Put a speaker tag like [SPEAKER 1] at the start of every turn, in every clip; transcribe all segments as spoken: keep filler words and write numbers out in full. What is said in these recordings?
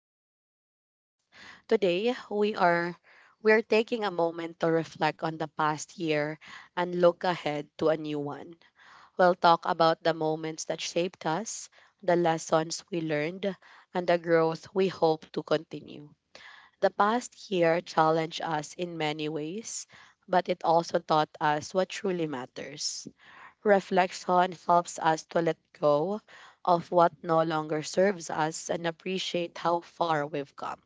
[SPEAKER 1] to our podcast. Today we are we are taking a moment to reflect on the past year and look ahead to a new one. We'll talk about the moments that shaped us, the lessons we learned, and the growth we hope to continue. The past year challenged us in many ways, but it also taught us what truly matters. Reflection helps us to let go of what no longer serves us and appreciate how far we've come.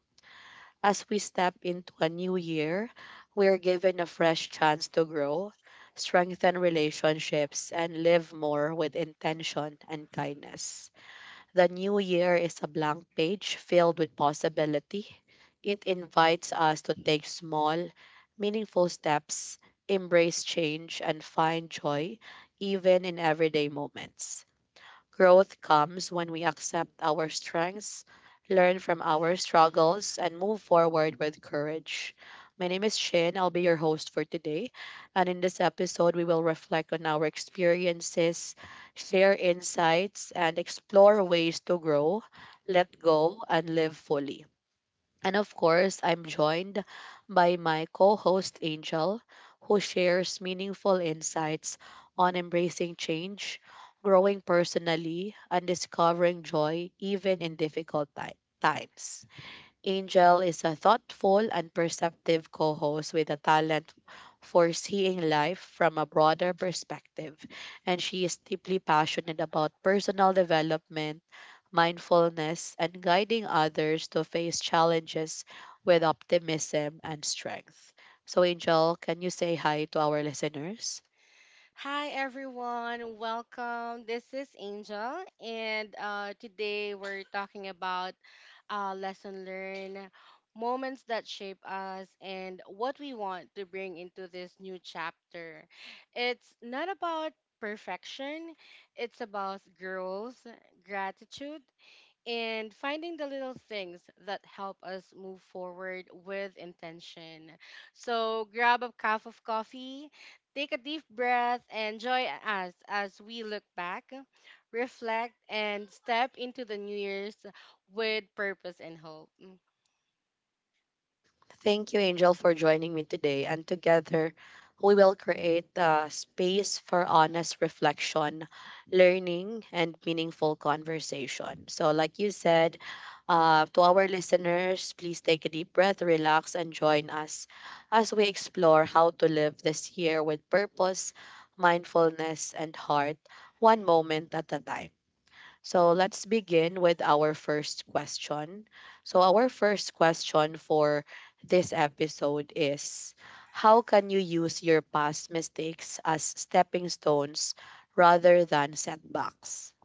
[SPEAKER 1] As we step into a new year, we're given a fresh chance to grow, strengthen relationships, and live more with intention and kindness. The new year is a blank page filled with possibility. It invites us to take small, meaningful steps, embrace change, and find joy even in everyday moments. Growth comes when we accept our strengths, learn from our struggles, and move forward with courage. My name is Shin. I'll be your host for today. And in this episode, we will reflect on our experiences, share insights, and explore ways to grow, let go, and live fully. And of course, I'm joined by my co host Angel, who shares meaningful insights on embracing change, growing personally, and discovering joy even in difficult ti- times. Angel is a thoughtful and perceptive co host with a talent for seeing life from a broader perspective, and she is deeply passionate about personal development mindfulness, and guiding others to face challenges with optimism and strength. So, Angel, can you say hi to our listeners?
[SPEAKER 2] Hi everyone, welcome. This is Angel, and uh, today we're talking about uh, lesson learned, moments that shape us, and what we want to bring into this new chapter. It's not about perfection, it's about growth, gratitude, and finding the little things that help us move forward with intention. So grab a cup of coffee, take a deep breath, and join us as we look back, reflect, and step into the new year's with purpose and hope. Mm.
[SPEAKER 1] Thank you, Angel, for joining me today. And together, we will create a space for honest reflection, learning, and meaningful conversation. So, like you said, uh, to our listeners, please take a deep breath, relax, and join us as we explore how to live this year with purpose, mindfulness, and heart, one moment at a time. So let's begin with our first question. So, our first question for this episode is, how can you use your past mistakes as stepping stones rather than setbacks?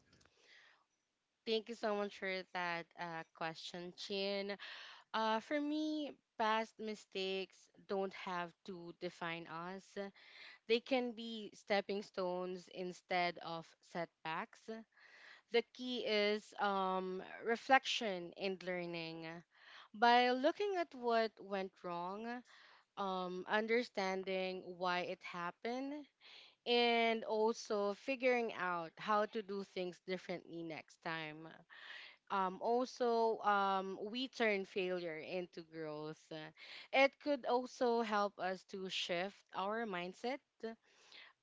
[SPEAKER 2] Thank you so much for that uh, question, Chin. Uh, for me, past mistakes don't have to define us. They can be stepping stones instead of setbacks. The key is um, reflection and learning. By looking at what went wrong, um, understanding why it happened, and also figuring out how to do things differently next time. Um, also, um, we turn failure into growth. It could also help us to shift our mindset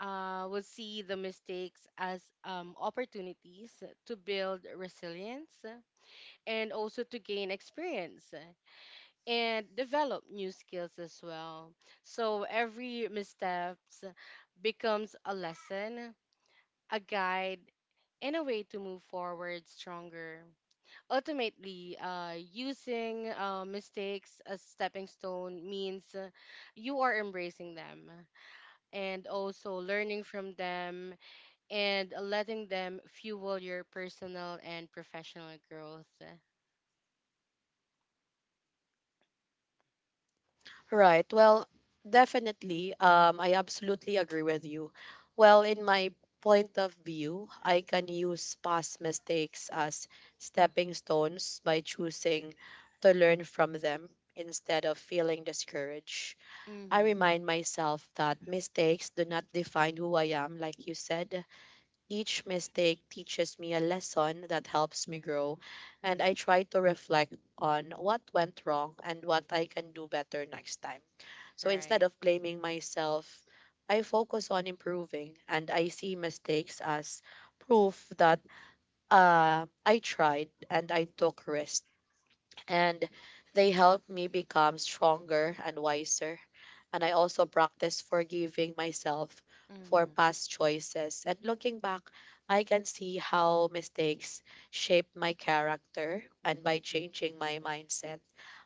[SPEAKER 2] uh, will see the mistakes as um, opportunities to build resilience and also to gain experience and develop new skills as well. So every missteps becomes a lesson, a guide, and a way to move forward stronger. Ultimately, uh, using uh, mistakes as stepping stone means uh, you are embracing them and also learning from them and letting them fuel your personal and professional growth.
[SPEAKER 1] Right. Well, definitely. Um, I absolutely agree with you. Well, in my point of view, I can use past mistakes as stepping stones by choosing to learn from them instead of feeling discouraged. I
[SPEAKER 2] Mm-hmm.
[SPEAKER 1] remind myself that mistakes do not define who I am, like you said. Each mistake teaches me a lesson that helps me grow, and I try to reflect on what went wrong and what I can do better next time. So instead
[SPEAKER 2] Right.
[SPEAKER 1] of blaming myself, I focus on improving, and I see mistakes as proof that uh, I tried and I took risks, and they help me become stronger and wiser. And I also practice forgiving myself for
[SPEAKER 2] Mm-hmm.
[SPEAKER 1] past choices. And looking back, I can see how mistakes shaped my character and by changing my mindset,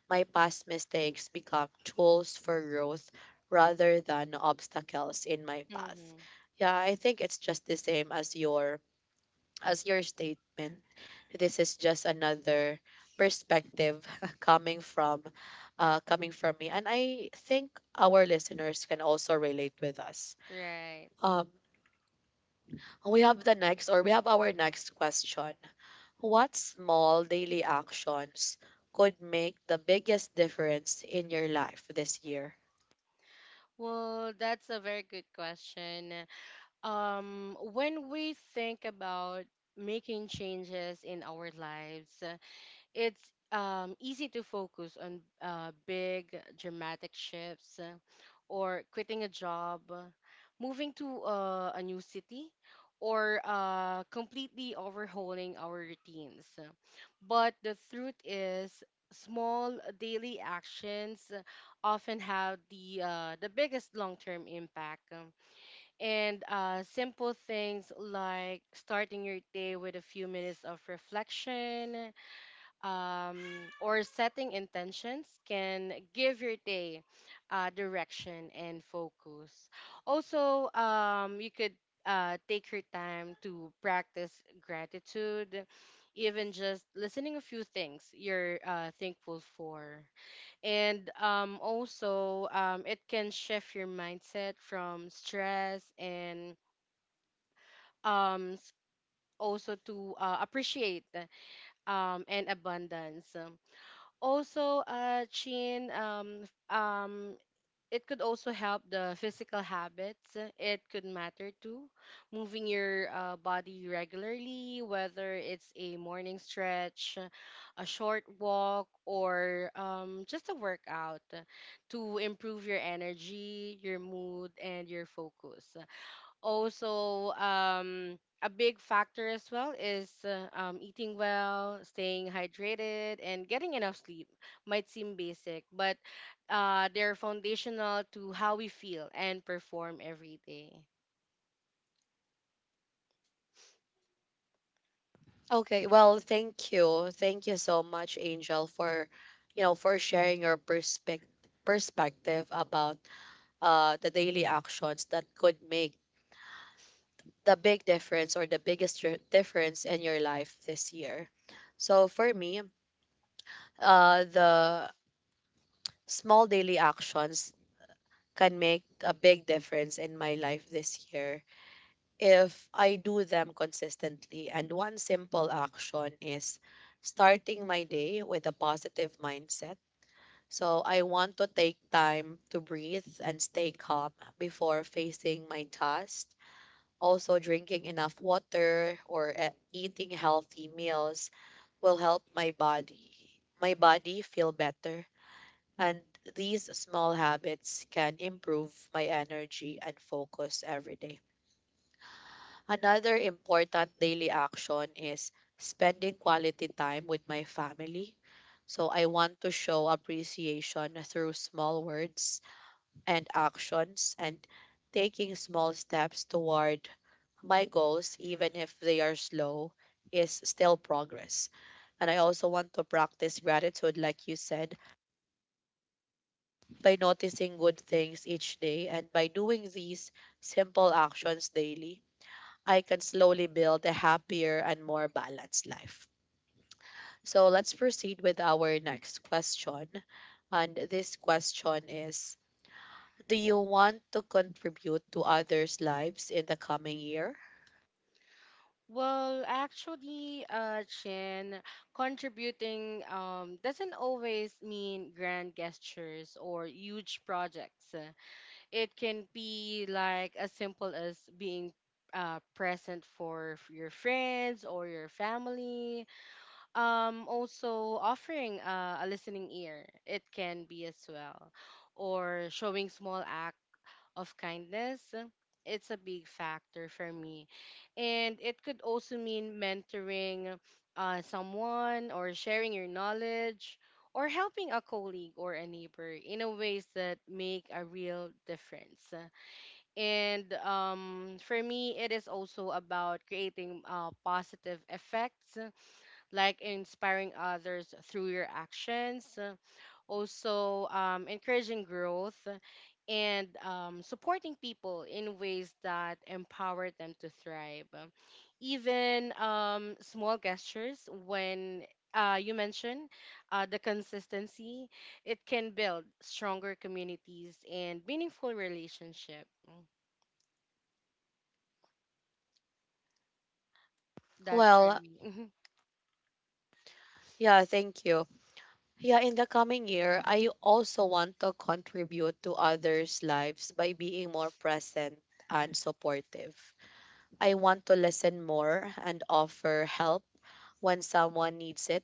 [SPEAKER 1] my past mistakes become tools for growth rather than obstacles in my path.
[SPEAKER 2] Mm-hmm.
[SPEAKER 1] Yeah, I think it's just the same as your as your statement, this is just another perspective coming from uh, coming from me, and I think our listeners can also relate with us.
[SPEAKER 2] Right.
[SPEAKER 1] Um, we have the next, or we have our next question. What small daily actions could make the biggest difference in your life this year?
[SPEAKER 2] Well, that's a very good question. Um, when we think about making changes in our lives, it's um, easy to focus on uh, big dramatic shifts uh, or quitting a job, uh, moving to uh, a new city, or uh, completely overhauling our routines. But the truth is, small daily actions uh, often have the uh, the biggest long-term impact. Um, and uh, Simple things like starting your day with a few minutes of reflection, um, or setting intentions can give your day uh, direction and focus. Also, um, you could uh, take your time to practice gratitude, even just listening a few things you're uh, thankful for. And um, also, um, it can shift your mindset from stress and um, s- also to uh, appreciate um, and abundance also uh chin um f- um it could also help the physical habits it could matter too. Moving your uh, body regularly, whether it's a morning stretch, a short walk, or um, just a workout to improve your energy, your mood, and your focus. Also um A big factor as well is uh, um, eating well, staying hydrated, and getting enough sleep might seem basic, but uh, they're foundational to how we feel and perform every day.
[SPEAKER 1] Okay, well, thank you, thank you so much, Angel, for you know for sharing your perspective perspective about uh, the daily actions that could make the big difference or the biggest dr- difference in your life this year. So for me, uh, the small daily actions can make a big difference in my life this year if I do them consistently. And one simple action is starting my day with a positive mindset. So I want to take time to breathe and stay calm before facing my tasks. Also, drinking enough water or uh, eating healthy meals will help my body, my body feel better. And these small habits can improve my energy and focus every day. Another important daily action is spending quality time with my family. So I want to show appreciation through small words and actions and taking small steps toward my goals, even if they are slow, is still progress. And I also want to practice gratitude, like you said, by noticing good things each day. And by doing these simple actions daily, I can slowly build a happier and more balanced life. So let's proceed with our next question. And this question is, do you want to contribute to others' lives in the coming year?
[SPEAKER 2] Well, actually, uh, chin, contributing um, doesn't always mean grand gestures or huge projects. It can be like as simple as being uh, present for f- your friends or your family. Um, also offering uh, a listening ear, it can be as well, or showing small act of kindness. It's a big factor for me, and it could also mean mentoring uh, someone or sharing your knowledge or helping a colleague or a neighbor in a ways that make a real difference. And um, For me, it is also about creating uh, positive effects, like inspiring others through your actions, also um, encouraging growth, and um, supporting people in ways that empower them to thrive. Even um, small gestures, when uh, you mentioned uh, the consistency, it can build stronger communities and meaningful relationships. That's for
[SPEAKER 1] Well,
[SPEAKER 2] me. Mhm.
[SPEAKER 1] yeah, thank you. Yeah, in the coming year, I also want to contribute to others' lives by being more present and supportive. I want to listen more and offer help when someone needs it.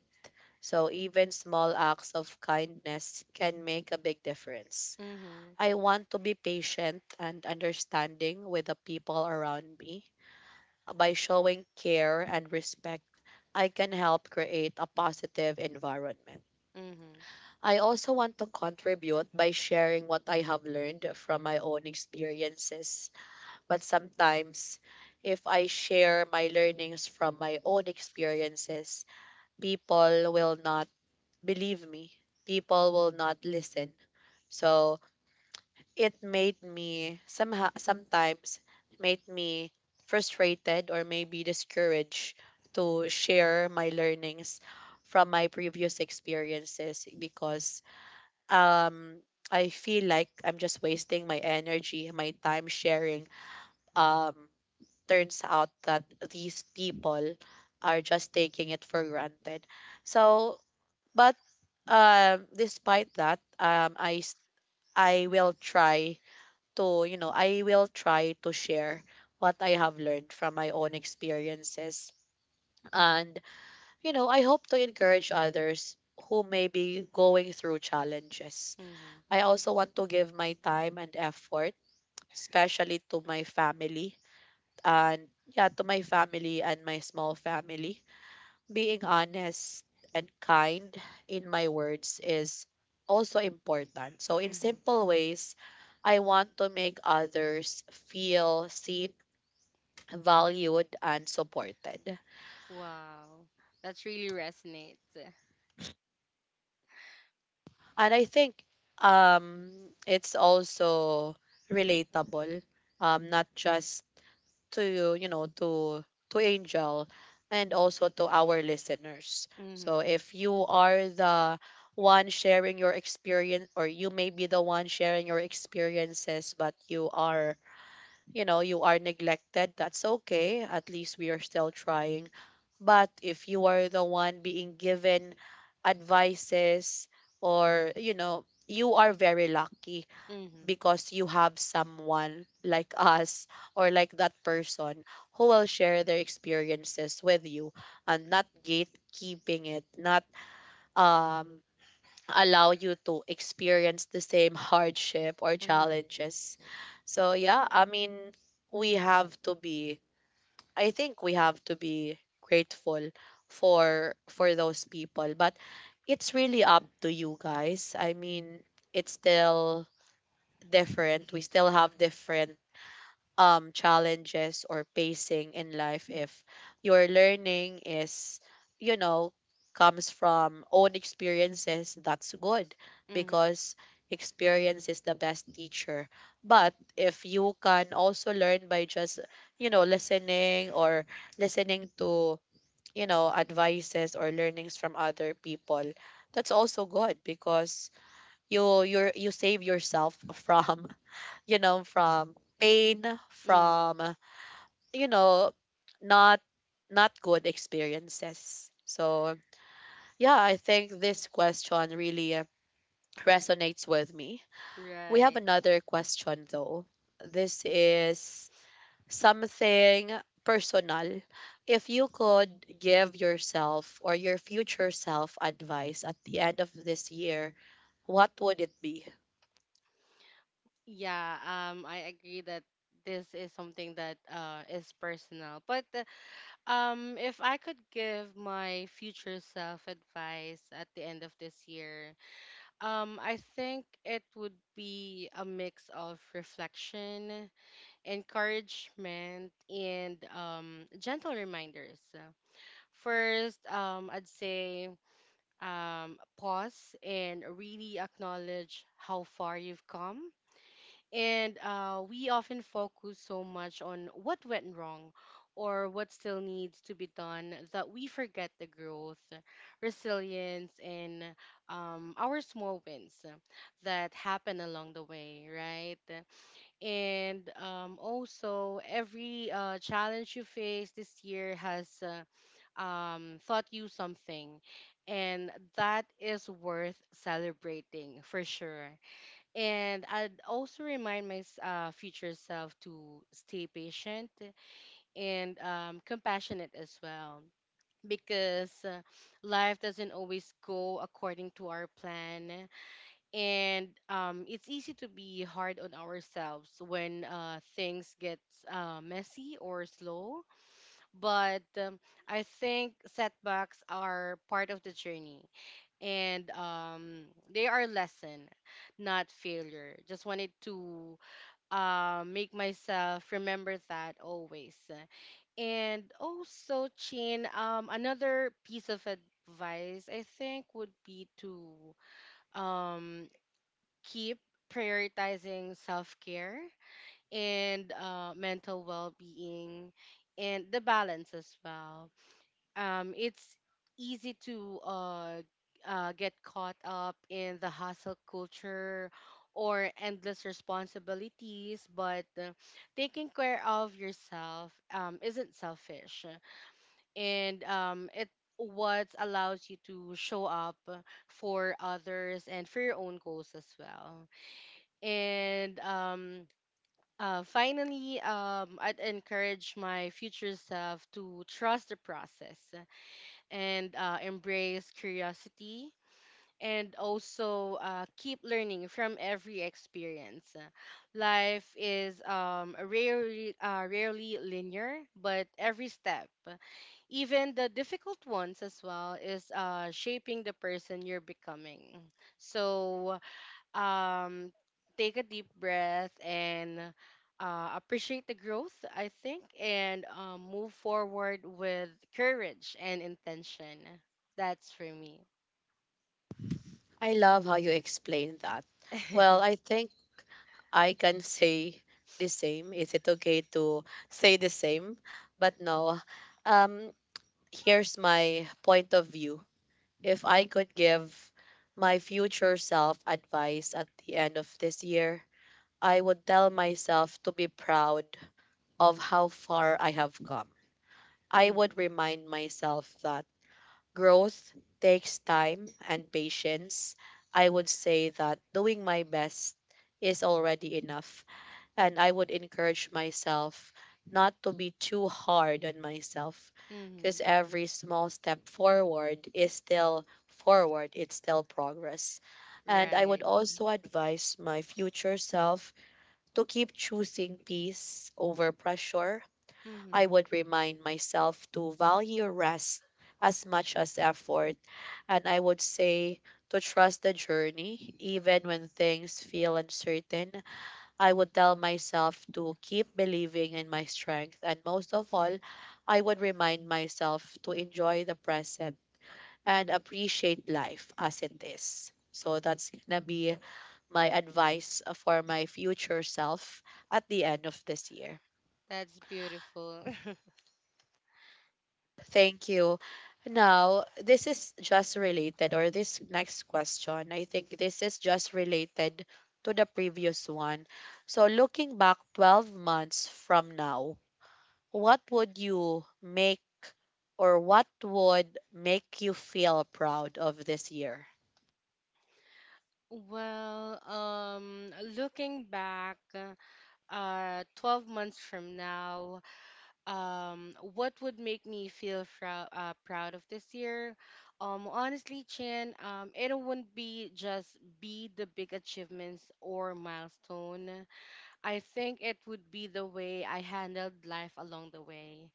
[SPEAKER 1] So, even small acts of kindness can make a big difference.
[SPEAKER 2] Mhm.
[SPEAKER 1] I want to be patient and understanding with the people around me. By showing care and respect, I can help create a positive environment.
[SPEAKER 2] Mhm.
[SPEAKER 1] I also want to contribute by sharing what I have learned from my own experiences. But sometimes, if I share my learnings from my own experiences, people will not believe me. People will not listen. So it made me somehow sometimes made me frustrated or maybe discouraged to share my learnings from my previous experiences because um I feel like I'm just wasting my energy, my time sharing. Um, turns out that these people are just taking it for granted. So, but um, despite that, um, I s- I will try to you know I will try to share what I have learned from my own experiences, and you know I hope to encourage others who may be going through challenges.
[SPEAKER 2] Mhm.
[SPEAKER 1] I also want to give my time and effort, especially to my family and yeah, to my family and my small family. Being honest and kind in my words is also important. So in
[SPEAKER 2] Mhm.
[SPEAKER 1] simple ways, I want to make others feel seen, valued and supported.
[SPEAKER 2] Wow. That's really resonates.
[SPEAKER 1] And I think um it's also relatable um not just to you know to to Angel and also to our listeners. So
[SPEAKER 2] Mhm.
[SPEAKER 1] if you are the one sharing your experience or you may be the one sharing your experiences but you are you know you are neglected, that's okay, at least we are still trying. But if you are the one being given advices or you know you are very lucky
[SPEAKER 2] Mhm.
[SPEAKER 1] because you have someone like us or like that person who will share their experiences with you and not gatekeeping it, not um, allow you to experience the same hardship or
[SPEAKER 2] Mhm.
[SPEAKER 1] challenges. So, yeah, I mean, we have to be, I think we have to be grateful for for those people but it's really up to you guys. I mean, it's still different. We still have different um challenges or pacing in life. If your learning is, you know, comes from own experiences, that's good
[SPEAKER 2] Mhm.
[SPEAKER 1] because experience is the best teacher. But if you can also learn by just, you know, listening or listening to, you know, advices or learnings from other people, that's also good because you you you save yourself from you know, from pain,
[SPEAKER 2] Mhm.
[SPEAKER 1] from, you know, not not good experiences. So, yeah, I think this question really uh, resonates with me. We have
[SPEAKER 2] Right.
[SPEAKER 1] another question though. This is something personal. If you could give yourself or your future self advice at the end of this year, what would it be?
[SPEAKER 2] Yeah, um I agree that this is something that uh is personal. But uh, um If I could give my future self advice at the end of this year, um I think it would be a mix of reflection, encouragement, and um, gentle reminders. First, um, I'd say um, pause and really acknowledge how far you've come. And uh, We often focus so much on what went wrong or what still needs to be done that we forget the growth, resilience, and um, our small wins that happen along the way, right? and um, also every uh, challenge you face this year has uh, um, taught you something and that is worth celebrating for sure. And I'd also remind my s- uh, future self to stay patient and um, compassionate as well, because uh, life doesn't always go according to our plan, and um, it's easy to be hard on ourselves when uh, things get uh, messy or slow. But um, I think setbacks are part of the journey, and um, they are lesson, not failure. Just wanted to uh, make myself remember that always. And also, chin, um, another piece of advice I think would be to um, keep prioritizing self care and uh, mental well being and the balance as well. Um, it's easy to uh, uh, get caught up in the hustle culture or endless responsibilities, but uh, taking care of yourself um, isn't selfish. And um, It what allows you to show up for others and for your own goals as well. And um uh, Finally, um I'd encourage my future self to trust the process and uh, embrace curiosity and also uh, keep learning from every experience. Life is um rarely uh, rarely linear, but every step, even the difficult ones as well, is uh, shaping the person you're becoming. So um take a deep breath and uh, appreciate the growth, I think, and um, move forward with courage and intention. That's for me.
[SPEAKER 1] I love how you explain that. Well, I think I can say the same. Is it okay to say the same? But no. Um, here's my point of view. If I could give my future self advice at the end of this year, I would tell myself to be proud of how far I have come. I
[SPEAKER 2] Mm,
[SPEAKER 1] would remind myself that growth takes time and patience. I would say that doing my best is already enough and I would encourage myself not to be too hard on myself because
[SPEAKER 2] hmm
[SPEAKER 1] every small step forward is still forward, it's still progress. And I would
[SPEAKER 2] right.
[SPEAKER 1] also advise my future self to keep choosing peace over pressure. I
[SPEAKER 2] Mm-hmm.
[SPEAKER 1] would remind myself to value rest as much as effort. And I would say to trust the journey, even when things feel uncertain. I would tell myself to keep believing in my strength. And most of all, I would remind myself to enjoy the present and appreciate life as it is. So that's gonna be my advice uh, for my future self at the end of this year.
[SPEAKER 2] That's beautiful.
[SPEAKER 1] Thank you. Now, this is just related, or this next question, I think this is just related to the previous one. So, looking back twelve months from now, what would you make or what would make you feel proud of this year?
[SPEAKER 2] well um looking back uh twelve months from now, um what would make me feel frou- uh, proud of this year, um honestly, chan um it wouldn't be just be the big achievements or milestone. I think it would be the way I handled life along the way.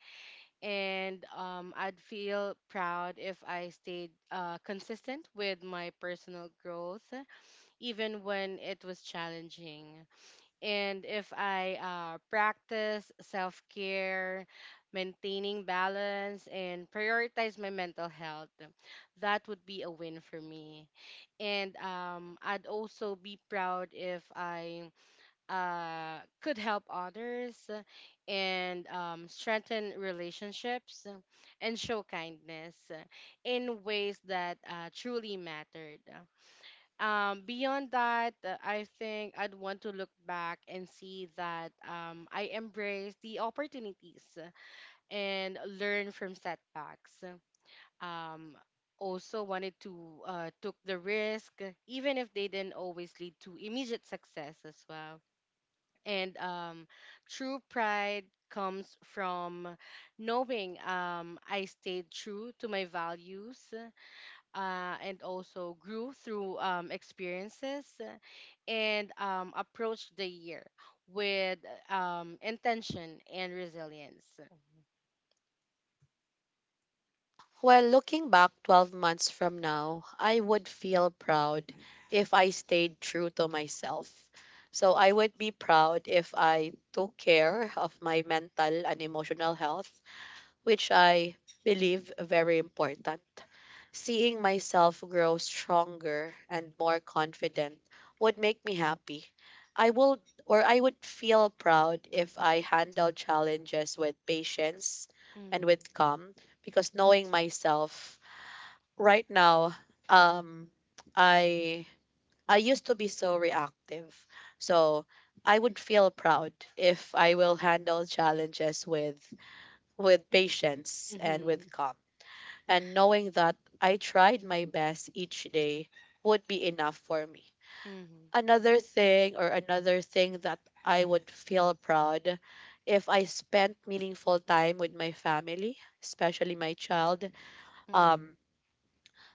[SPEAKER 2] And um I'd feel proud if I stayed uh, consistent with my personal growth even when it was challenging, and if I uh, practice self care, maintaining balance, and prioritize my mental health. That would be a win for me. And um, I'd also be proud if I uh, could help others and um, strengthen relationships and show kindness in ways that uh, truly mattered. Um beyond that, uh, I think I'd want to look back and see that um I embraced the opportunities and learn from setbacks. um Also wanted to uh took the risk even if they didn't always lead to immediate success as well. And um True pride comes from knowing um I stayed true to my values uh, and also grew through um, experiences uh, and um, approached the year with uh, um, intention and resilience.
[SPEAKER 1] Well, looking back twelve months from now, I would feel proud if I stayed true to myself. So I would be proud if I took care of my mental and emotional health which I believe very important. Seeing myself grow stronger and more confident would make me happy. I would or I would feel proud if I handle challenges with patience and
[SPEAKER 2] Mm-hmm.
[SPEAKER 1] with calm because knowing myself right now, um I I used to be so reactive. So I would feel proud if I will handle challenges with with patience and
[SPEAKER 2] Mm-hmm.
[SPEAKER 1] with calm. And knowing that I tried my best each day would be enough for me.
[SPEAKER 2] Mm-hmm.
[SPEAKER 1] Another thing or another thing that I would feel proud if I spent meaningful time with my family, especially my child. Um,
[SPEAKER 2] Mm-hmm.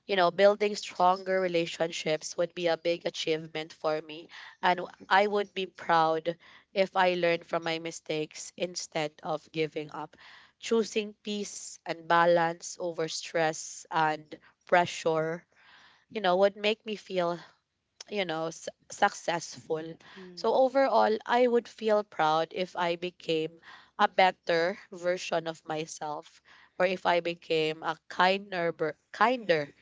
[SPEAKER 1] you know, Building stronger relationships would be a big achievement for me. And I would be proud if I learned from my mistakes instead of giving up. Choosing peace and balance over stress and pressure, you know, would make me feel, you know, s- successful. So
[SPEAKER 2] Mm-hmm.
[SPEAKER 1] overall, I would feel proud if I became a better version of myself, or if I became a kinder, ber- kinder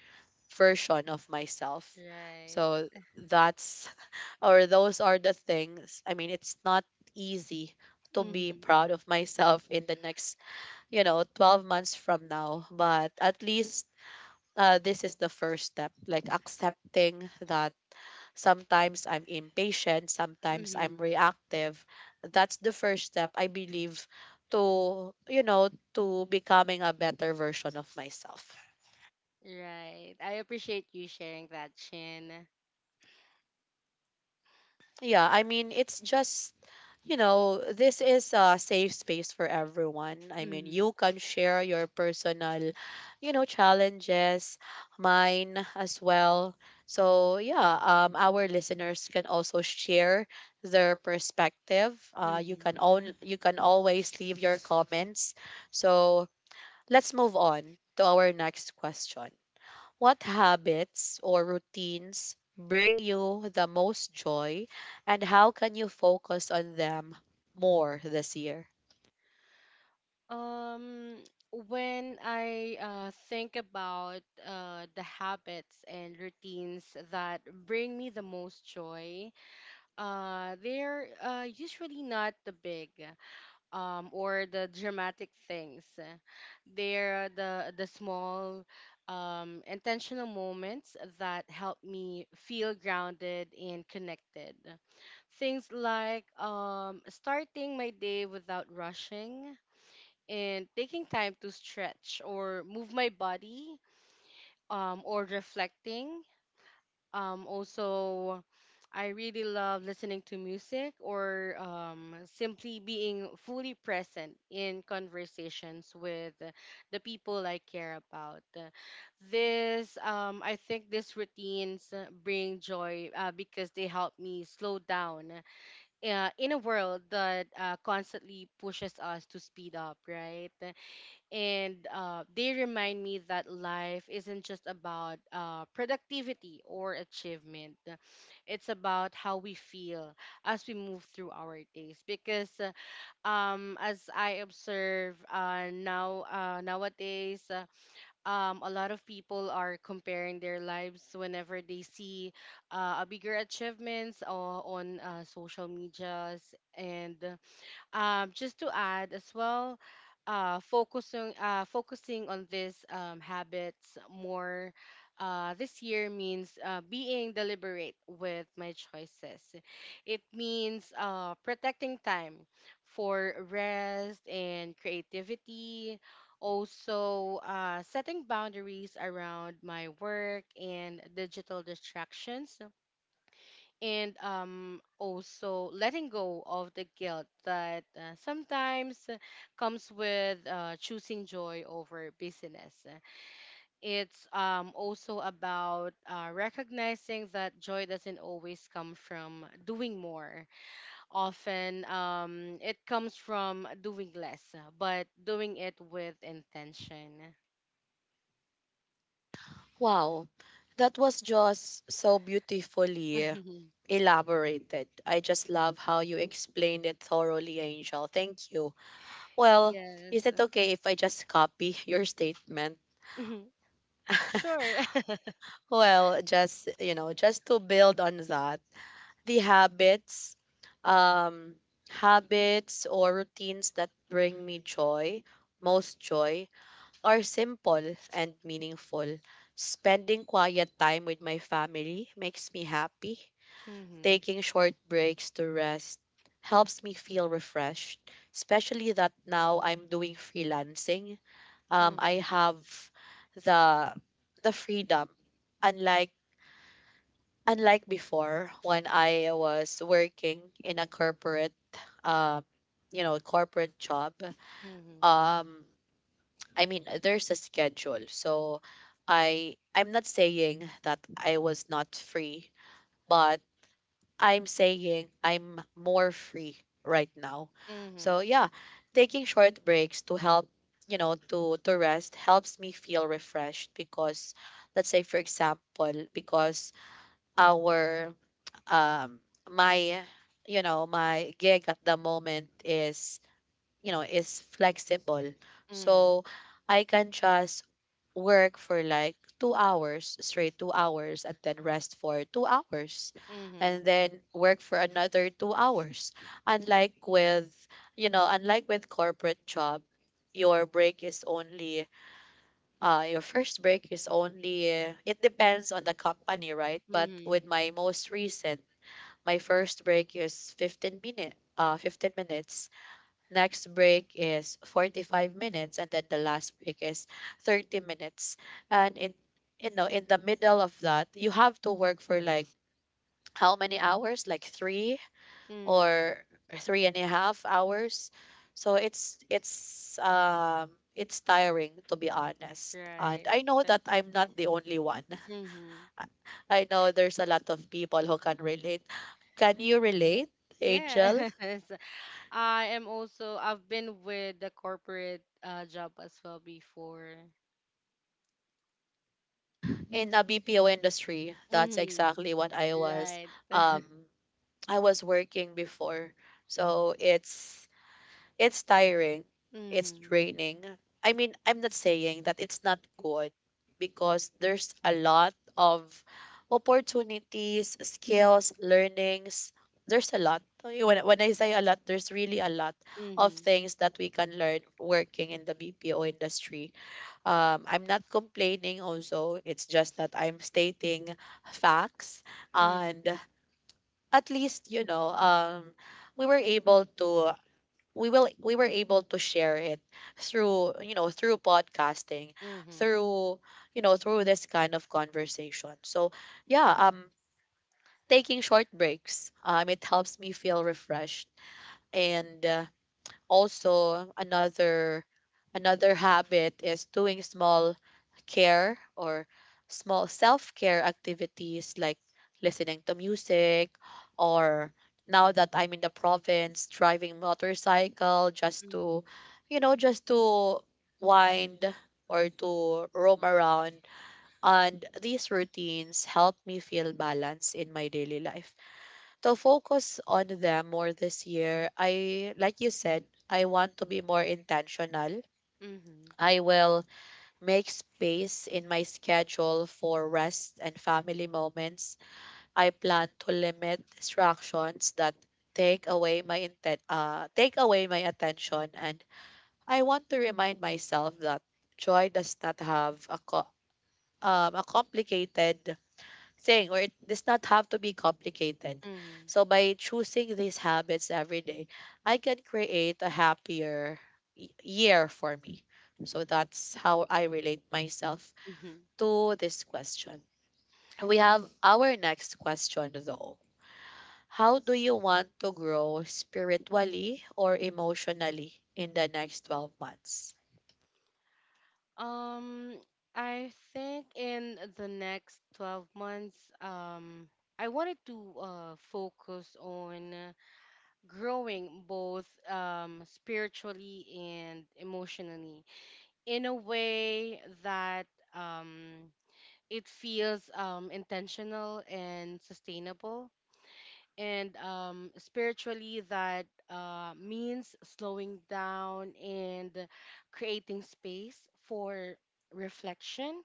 [SPEAKER 1] version of myself.
[SPEAKER 2] Right.
[SPEAKER 1] So that's or those are the things. I mean, it's not easy to be
[SPEAKER 2] Mm-hmm.
[SPEAKER 1] proud of myself in the next, you know, twelve months from now, but at least uh, this is the first step, like accepting that sometimes I'm impatient, sometimes I'm
[SPEAKER 2] Mm-hmm.
[SPEAKER 1] reactive. That's the first step, I believe, to, you know, to becoming a better version of myself.
[SPEAKER 2] Right. I appreciate you sharing that, Chin.
[SPEAKER 1] Yeah, I mean, it's just, you know, this is a safe space for everyone. I mean,
[SPEAKER 2] Mm-hmm.
[SPEAKER 1] you can share your personal, you know, challenges, mine as well. So, yeah, um, our listeners can also share their perspective. Uh, you
[SPEAKER 2] Mm-hmm.
[SPEAKER 1] can own, you can always leave your comments. So, let's move on to our next question. What habits or routines bring you the most joy, and how can you focus on them more this year?
[SPEAKER 2] Um, when I uh, think about uh, the habits and routines that bring me the most joy, uh, they're uh, usually not the big um, or the dramatic things. They're the the small, um, intentional moments that help me feel grounded and connected. Things like um, starting my day without rushing and taking time to stretch or move my body, um, or reflecting. Um, also, I really love listening to music or um, simply being fully present in conversations with the people I care about. This, um, I think, these routines uh, bring joy uh, because they help me slow down uh, in a world that uh, constantly pushes us to speed up, right? and uh, they remind me that life isn't just about uh, productivity or achievement. It's about how we feel as we move through our days, because uh, um, as I observe uh, now uh, nowadays uh, um, a lot of people are comparing their lives whenever they see uh, a bigger achievements uh, on uh, social medias. And um, Just to add as well, uh, focusing uh, focusing on these um, habits more uh, this year means uh, being deliberate with my choices. It means uh, protecting time for rest and creativity. Also, uh, setting boundaries around my work and digital distractions, and um, also letting go of the guilt that uh, sometimes uh, comes with uh, choosing joy over business. It's um, also about uh, recognizing that joy doesn't always come from doing more. Often um, it comes from doing less, but doing it with intention.
[SPEAKER 1] Wow, that was just so beautifully elaborated. I just love how you explained it thoroughly, Angel. Thank you. Well,
[SPEAKER 2] Yes.
[SPEAKER 1] is it okay if I just copy your statement?
[SPEAKER 2] Sure.
[SPEAKER 1] Well, just, you know, just to build on that. The habits, um habits or routines that bring me joy most joy are simple and meaningful. Spending quiet time with my family makes me happy.
[SPEAKER 2] Hmm.
[SPEAKER 1] Taking short breaks to rest helps me feel refreshed, especially that now I'm doing freelancing. Um i
[SPEAKER 2] Hmm.
[SPEAKER 1] have the the freedom, unlike unlike before, when I was working in a corporate, um you know, corporate job.
[SPEAKER 2] Hmm.
[SPEAKER 1] um I mean, there's a schedule, so I I'm not saying that I was not free, but I'm saying I'm more free right now. So
[SPEAKER 2] Hmm.
[SPEAKER 1] yeah, taking short breaks to help, you know, to to rest helps me feel refreshed because let's say for example, because our um my you know, my gig at the moment is, you know, is flexible.
[SPEAKER 2] Hmm.
[SPEAKER 1] So I can just work for like two hours straight, two hours, and then rest for two hours, and
[SPEAKER 2] Mhm.
[SPEAKER 1] then work for another two hours. Unlike with, you know, unlike with corporate job, your break is only uh your first break is only, it depends on the company, right? But
[SPEAKER 2] Mhm.
[SPEAKER 1] with my most recent, my first break is fifteen minute, uh, fifteen minutes. Next break is forty-five minutes, and then the last break is thirty minutes. And in, you know, in the middle of that, you have to work for like how many hours? Like three
[SPEAKER 2] Mhm.
[SPEAKER 1] or three and a half hours. So it's it's um it's tiring, to be honest. And
[SPEAKER 2] Right.
[SPEAKER 1] I know that I'm not the only one.
[SPEAKER 2] Mm-hmm.
[SPEAKER 1] I know there's a lot of people who can relate. Can you relate,
[SPEAKER 2] Yeah.
[SPEAKER 1] Angel?
[SPEAKER 2] Yes. I am also, I've been with the corporate uh job as well before.
[SPEAKER 1] In a B P O industry, that's
[SPEAKER 2] Mm-hmm.
[SPEAKER 1] exactly what I was.
[SPEAKER 2] Right.
[SPEAKER 1] Um, I was working before, so it's it's tiring. It's
[SPEAKER 2] Mm-hmm.
[SPEAKER 1] draining. I mean, I'm not saying that it's not good because there's a lot of opportunities, skills, learnings. There's a lot. Okay, When, when I say a lot, there's really a lot of
[SPEAKER 2] Mm-hmm.
[SPEAKER 1] things that we can learn working in the B P O industry. Um, I'm not complaining also. It's just that I'm stating facts. And at least, you know, um, we were able to, we will we were able to share it through, you know, through podcasting,
[SPEAKER 2] Mm-hmm.
[SPEAKER 1] through, you know, through this kind of conversation. So yeah, um taking short breaks, um it helps me feel refreshed. And uh, also another another habit is doing small care, or small self-care activities like listening to music, or now that I'm in the province, driving motorcycle,
[SPEAKER 2] Mm-hmm.
[SPEAKER 1] just
[SPEAKER 2] Mm-hmm.
[SPEAKER 1] to, you know, just to wind, or to roam around. And these routines help me feel balance in my daily life. To focus on them more this year, I, like you said, I want to be more intentional.
[SPEAKER 2] Mm-hmm.
[SPEAKER 1] I will make space in my schedule for rest and family moments. I plan to limit distractions that take away my inten- uh, take away my attention. And I want to remind myself that joy does not have a co- um, a complicated thing or it does not have to be complicated
[SPEAKER 2] Mm-hmm.
[SPEAKER 1] So by choosing these habits every day, I can create a happier y- year for me. So that's how I relate myself
[SPEAKER 2] Mm-hmm.
[SPEAKER 1] to this question. We have our next question though. How do you want to grow spiritually or emotionally in the next twelve months?
[SPEAKER 2] Um, I think in the next twelve months, um, I wanted to uh focus on growing both um, spiritually and emotionally in a way that um, it feels um, intentional and sustainable. And um, Spiritually, that uh, means slowing down and creating space for reflection,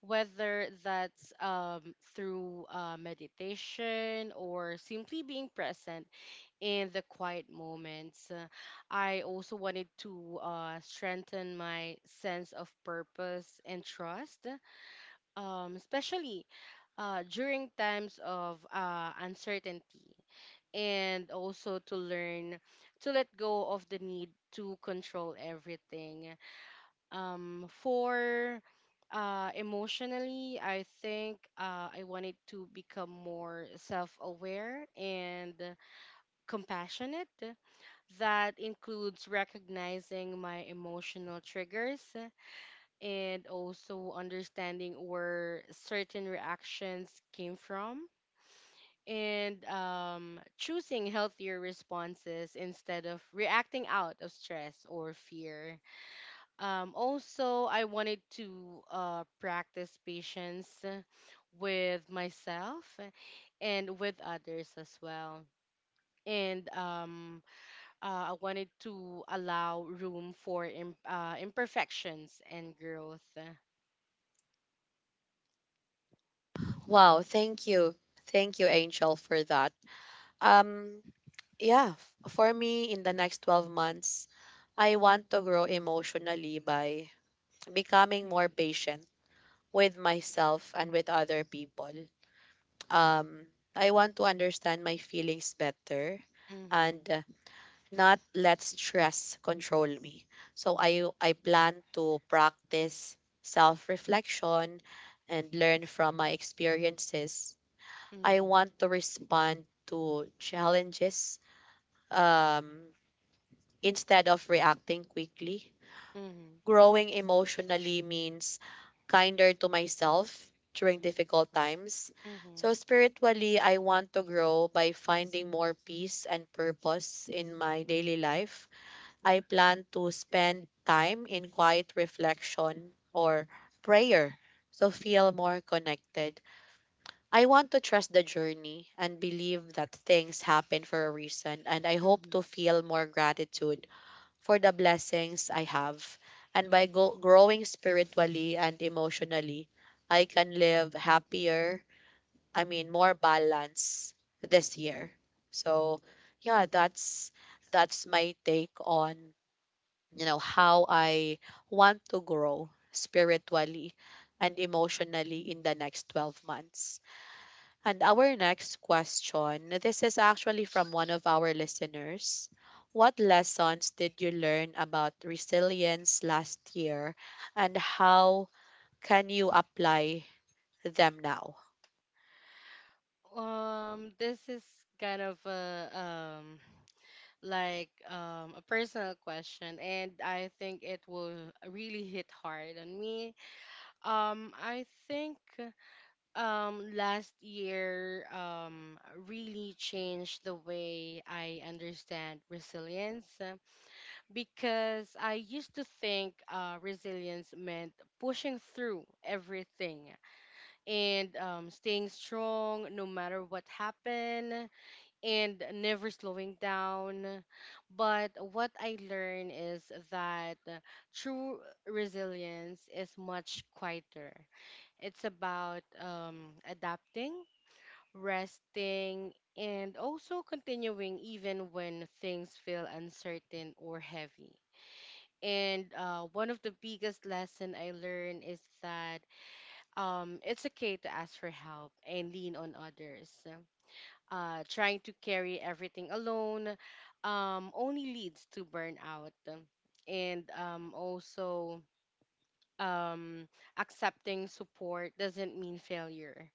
[SPEAKER 2] whether that's um, through uh, meditation or simply being present in the quiet moments. Uh, I also wanted to uh, strengthen my sense of purpose and trust, um, especially uh, during times of uh, uncertainty, and also to learn to let go of the need to control everything. Um, for uh, Emotionally, I think uh, I wanted to become more self aware and compassionate. That includes recognizing my emotional triggers and also understanding where certain reactions came from, and um, choosing healthier responses instead of reacting out of stress or fear. Um, also, I wanted to uh, practice patience with myself and with others as well. And um, uh, I wanted to allow room for im- uh, imperfections and growth.
[SPEAKER 1] Wow, thank you. Thank you, Angel, for that. Um, yeah, f- for me in the next twelve months, I want to grow emotionally by becoming more patient with myself and with other people. Um, I want to understand my feelings better,
[SPEAKER 2] Mm-hmm.
[SPEAKER 1] and uh, not let stress control me. So I I plan to practice self-reflection and learn from my experiences. I
[SPEAKER 2] Mm-hmm.
[SPEAKER 1] want to respond to challenges um instead of reacting quickly.
[SPEAKER 2] Mm-hmm.
[SPEAKER 1] Growing emotionally means kinder to myself during difficult times.
[SPEAKER 2] Mm-hmm.
[SPEAKER 1] So, spiritually, I want to grow by finding more peace and purpose in my daily life. I plan to spend time in quiet reflection or prayer so feel more connected. I want to trust the journey and believe that things happen for a reason, and I hope
[SPEAKER 2] Mm-hmm.
[SPEAKER 1] to feel more gratitude for the blessings I have. And by go- growing spiritually and emotionally, I can live happier, I mean, more balance this year. So, yeah, that's that's my take on, you know, how I want to grow spiritually and emotionally in the next twelve months. And our next question, this is actually from one of our listeners. What lessons did you learn about resilience last year, and how can you apply them now?
[SPEAKER 2] Um, this is kind of a um like um a personal question, and I think it will really hit hard on me. Um, I think um last year um really changed the way I understand resilience, because I used to think uh, resilience meant pushing through everything and um, staying strong no matter what happened and never slowing down. But what I learned is that true resilience is much quieter. It's about um, adapting, resting, and also continuing even when things feel uncertain or heavy. And uh, One of the biggest lesson I learned is that um, it's okay to ask for help and lean on others. Uh, trying to carry everything alone um, only leads to burnout. And um, also, um, accepting support doesn't mean failure.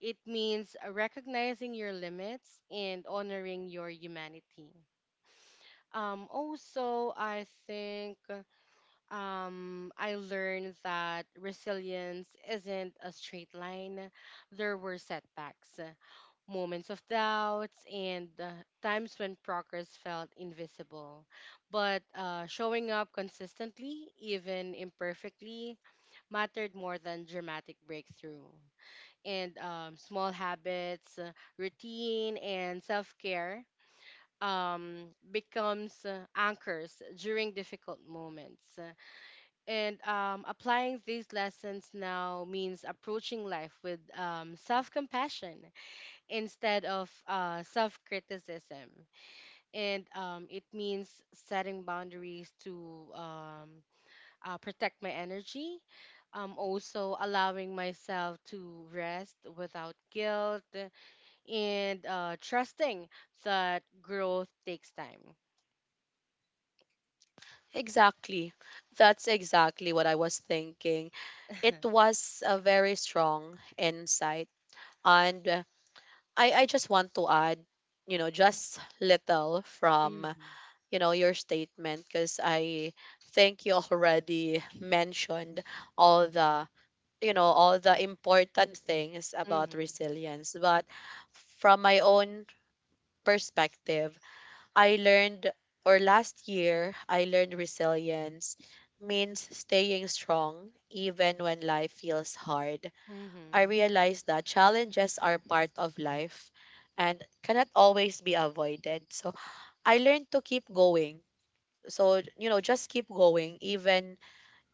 [SPEAKER 2] It means recognizing your limits and honoring your humanity. Um, also, I think um, I learned that resilience isn't a straight line. There were setbacks, moments of doubts, and uh, times when progress felt invisible. But uh, showing up consistently, even imperfectly, mattered more than dramatic breakthrough. And um, Small habits, uh, routine, and self care um, becomes uh, anchors during difficult moments, and um, applying these lessons now means approaching life with um, self compassion instead of uh, self criticism. And um, It means setting boundaries to um, uh, protect my energy. Um, also, allowing myself to rest without guilt and uh, trusting that growth takes time.
[SPEAKER 1] Exactly. That's exactly what I was thinking. It was a very strong insight. And uh, I, I just want to add, you know, just little from,
[SPEAKER 2] Hmm.
[SPEAKER 1] you know, your statement because I think you already mentioned all the, you know, all the important things about
[SPEAKER 2] Hmm.
[SPEAKER 1] resilience. But from my own perspective, I learned or last year I learned resilience means staying strong even when life feels hard. I
[SPEAKER 2] Hmm.
[SPEAKER 1] realized that challenges are part of life and cannot always be avoided. So I learned to keep going, so you know, just keep going, even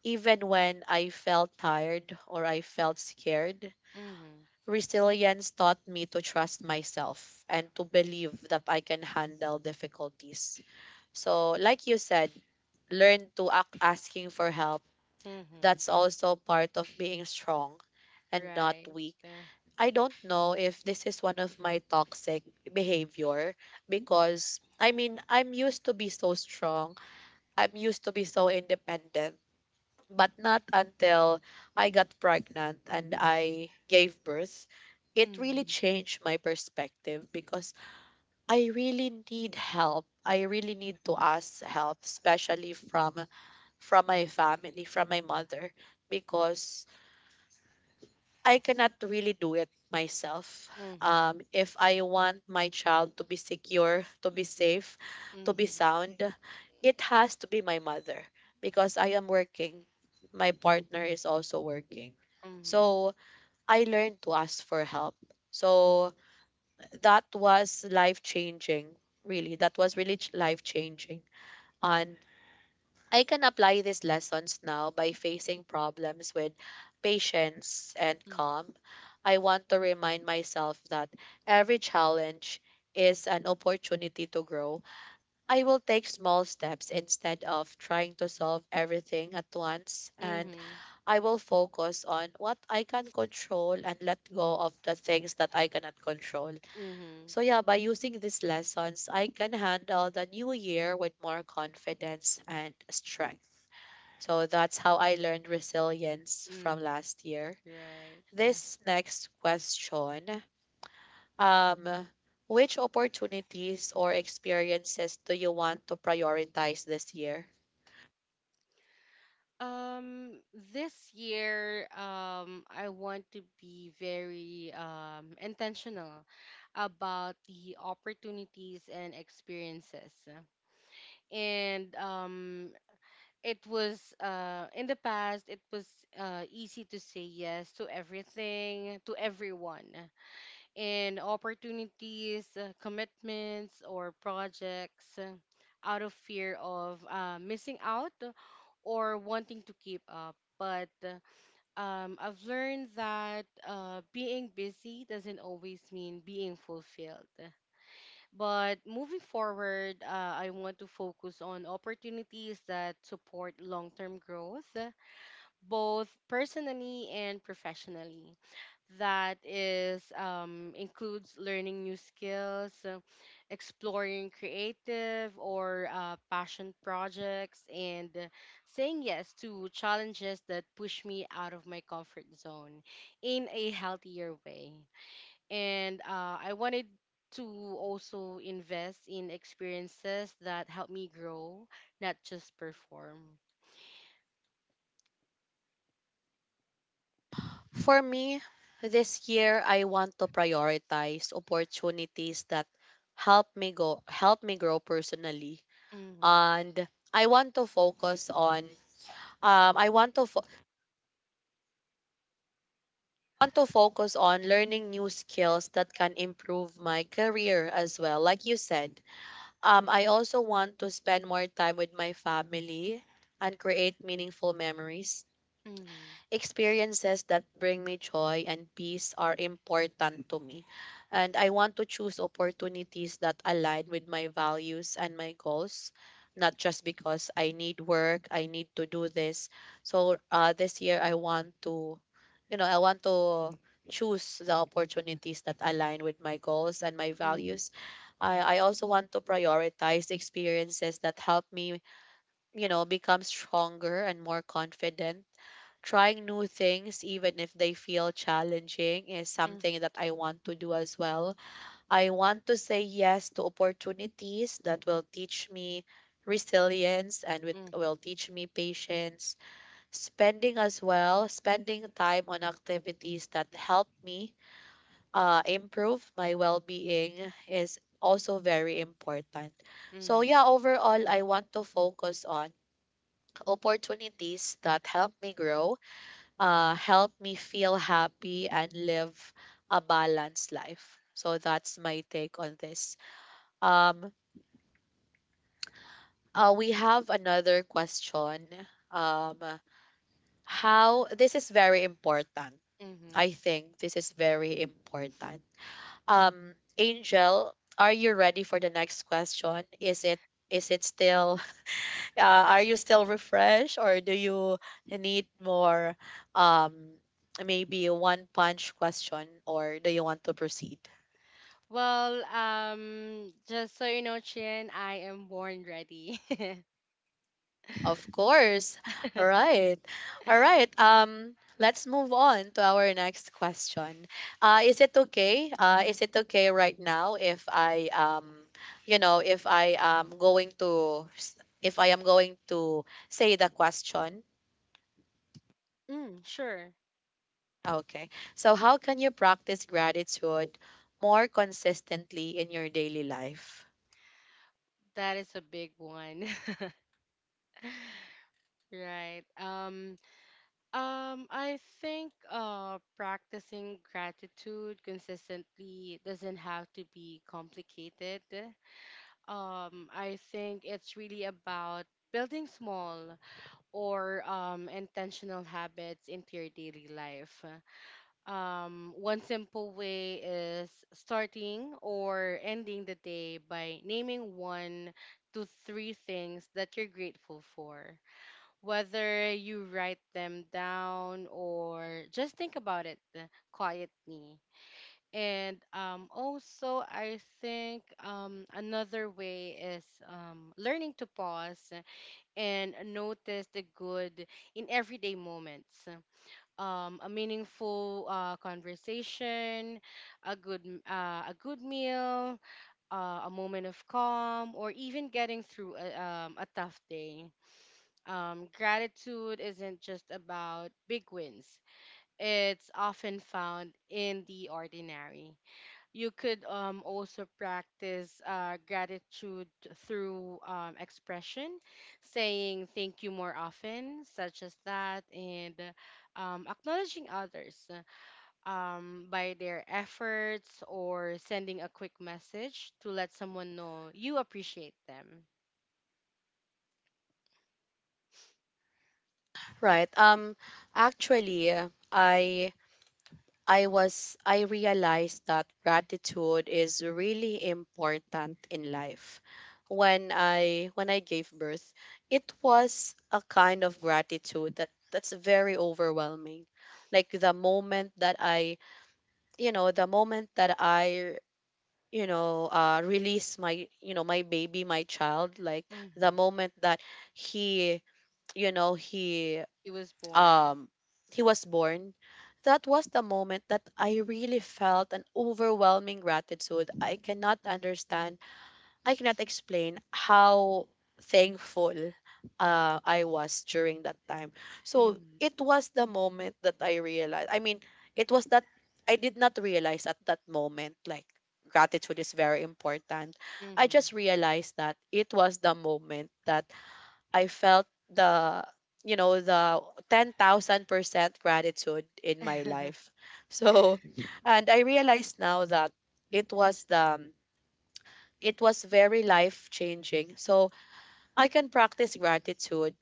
[SPEAKER 1] even when I felt tired or I felt scared.
[SPEAKER 2] Hmm.
[SPEAKER 1] Resilience taught me to trust myself and to believe that I can handle difficulties. So like you said, learn to act asking for help,
[SPEAKER 2] Hmm.
[SPEAKER 1] that's also part of being strong and not
[SPEAKER 2] Right.
[SPEAKER 1] weak.
[SPEAKER 2] Uh,
[SPEAKER 1] I don't know if this is one of my toxic behavior, because I mean, I'm used to be so strong, I'm used to be so independent, but not until I got pregnant and I gave birth. It really
[SPEAKER 2] mhm.
[SPEAKER 1] changed my perspective, because I really need help. I really need to ask help, especially from from my family, from my mother, because I cannot really do it myself.
[SPEAKER 2] Mhm.
[SPEAKER 1] Um, if I want my child to be secure, to be safe, to be
[SPEAKER 2] Mhm.
[SPEAKER 1] sound, it has to be my mother because I am working. My partner is also working.
[SPEAKER 2] Mhm.
[SPEAKER 1] So I learned to ask for help. So that was life changing, really. That was really life changing. And I can apply these lessons now by facing problems with patience and calm. I want to remind myself that every challenge is an opportunity to grow. I will take small steps instead of trying to solve everything at once, and
[SPEAKER 2] Mhm.
[SPEAKER 1] I will focus on what I can control and let go of the things that I cannot control.
[SPEAKER 2] Mhm.
[SPEAKER 1] So, yeah, by using these lessons, I can handle the new year with more confidence and strength. So, that's how I learned resilience from
[SPEAKER 2] Mhm.
[SPEAKER 1] last year.
[SPEAKER 2] Right. Uh,
[SPEAKER 1] This next question, Um, which opportunities or experiences do you want to prioritize this year?
[SPEAKER 2] Um, this year, um, I want to be very um intentional about the opportunities and experiences. And um, it was uh in the past, it was uh easy to say yes to everything, to everyone, and opportunities, uh, commitments, or projects, uh, out of fear of uh, missing out or wanting to keep up. But uh, um, I've learned that uh, being busy doesn't always mean being fulfilled. But moving forward, uh, I want to focus on opportunities that support long term growth, both personally and professionally. That is um, includes learning new skills, uh, exploring creative or uh, passion projects, and uh, saying yes to challenges that push me out of my comfort zone in a healthier way. And uh, I wanted to also invest in experiences that help me grow, not just perform.
[SPEAKER 1] For me, this year I want to prioritize opportunities that help me go help me grow personally,
[SPEAKER 2] Mm-hmm.
[SPEAKER 1] and I want to focus on, um I want to fo- want to focus on learning new skills that can improve my career as well, like you said. Um, I also want to spend more time with my family and create meaningful memories.
[SPEAKER 2] Mm-hmm.
[SPEAKER 1] Experiences that bring me joy and peace are important to me. And I want to choose opportunities that align with my values and my goals, not just because I need work, I need to do this. So uh, this year, I want to, you know, I want to choose the opportunities that align with my goals and my
[SPEAKER 2] Mm-hmm.
[SPEAKER 1] values. I, I also want to prioritize the experiences that help me, you know, become stronger and more confident. Trying new things, even if they feel challenging, is
[SPEAKER 2] Mm-hmm.
[SPEAKER 1] something that I want to do as well. I want to say yes to opportunities that will teach me resilience and with, will teach me patience. Spending as well, spending time on activities that help me uh, improve my well-being is also very important. So
[SPEAKER 2] Mm-hmm.
[SPEAKER 1] yeah, overall, I want to focus on opportunities that help me grow, uh, help me feel happy and live a balanced life. So that's my take on this. Um, uh, we have another question. Um, how this is very important. I
[SPEAKER 2] Mm-hmm.
[SPEAKER 1] think this is very important. Um, Angel, are you ready for the next question? Is it is it still uh, are you still refreshed or do you need more um maybe one punch question or do you want to proceed?
[SPEAKER 2] Well, um, just so you know, Chin, I am born ready.
[SPEAKER 1] Of course. All right. All right. Um, let's move on to our next question. Uh, is it okay? Uh, is it okay right now if I um, you know, if I am going to s- if I am going to say the question?
[SPEAKER 2] Mm, sure.
[SPEAKER 1] Okay. So how can you practice gratitude more consistently in your daily life?
[SPEAKER 2] That is a big one. Right. Um, um, I think uh, practicing gratitude consistently doesn't have to be complicated. Um, I think it's really about building small or um, intentional habits into your daily life. Um, one simple way is starting or ending the day by naming one to three things that you're grateful for, whether you write them down or just think about it uh, quietly. And um, also, I think um, Another way is um, learning to pause and notice the good in everyday moments: um, a meaningful uh, conversation, a good m- uh, a good meal, uh, a moment of calm, or even getting through a, um, a tough day. Um, gratitude isn't just about big wins. It's often found in the ordinary. You could um, also practice uh, gratitude through um, expression, saying thank you more often, such as that, and um, acknowledging others um, by their efforts, or sending a quick message to let someone know you appreciate them.
[SPEAKER 1] Right. Um, actually, I I was I realized that gratitude is really important in life. When I when I gave birth, it was a kind of gratitude that that's very overwhelming. Like the moment that I, you know, the moment that I, you know, uh, release my, you know, my baby, my child, like the
[SPEAKER 2] Mm-hmm.
[SPEAKER 1] moment that he, you know, he
[SPEAKER 2] He was born.
[SPEAKER 1] um he was born, that was the moment that I really felt an overwhelming gratitude. I cannot understand, I cannot explain how thankful uh, I was during that time. So
[SPEAKER 2] Mm-hmm.
[SPEAKER 1] it was the moment that I realized. I mean, it was that I did not realize at that moment, like, gratitude is very important. I
[SPEAKER 2] Mm-hmm.
[SPEAKER 1] just realized that it was the moment that I felt the you know the ten thousand percent gratitude in my life. So and I realized now that it was the it was very life changing. So I can practice gratitude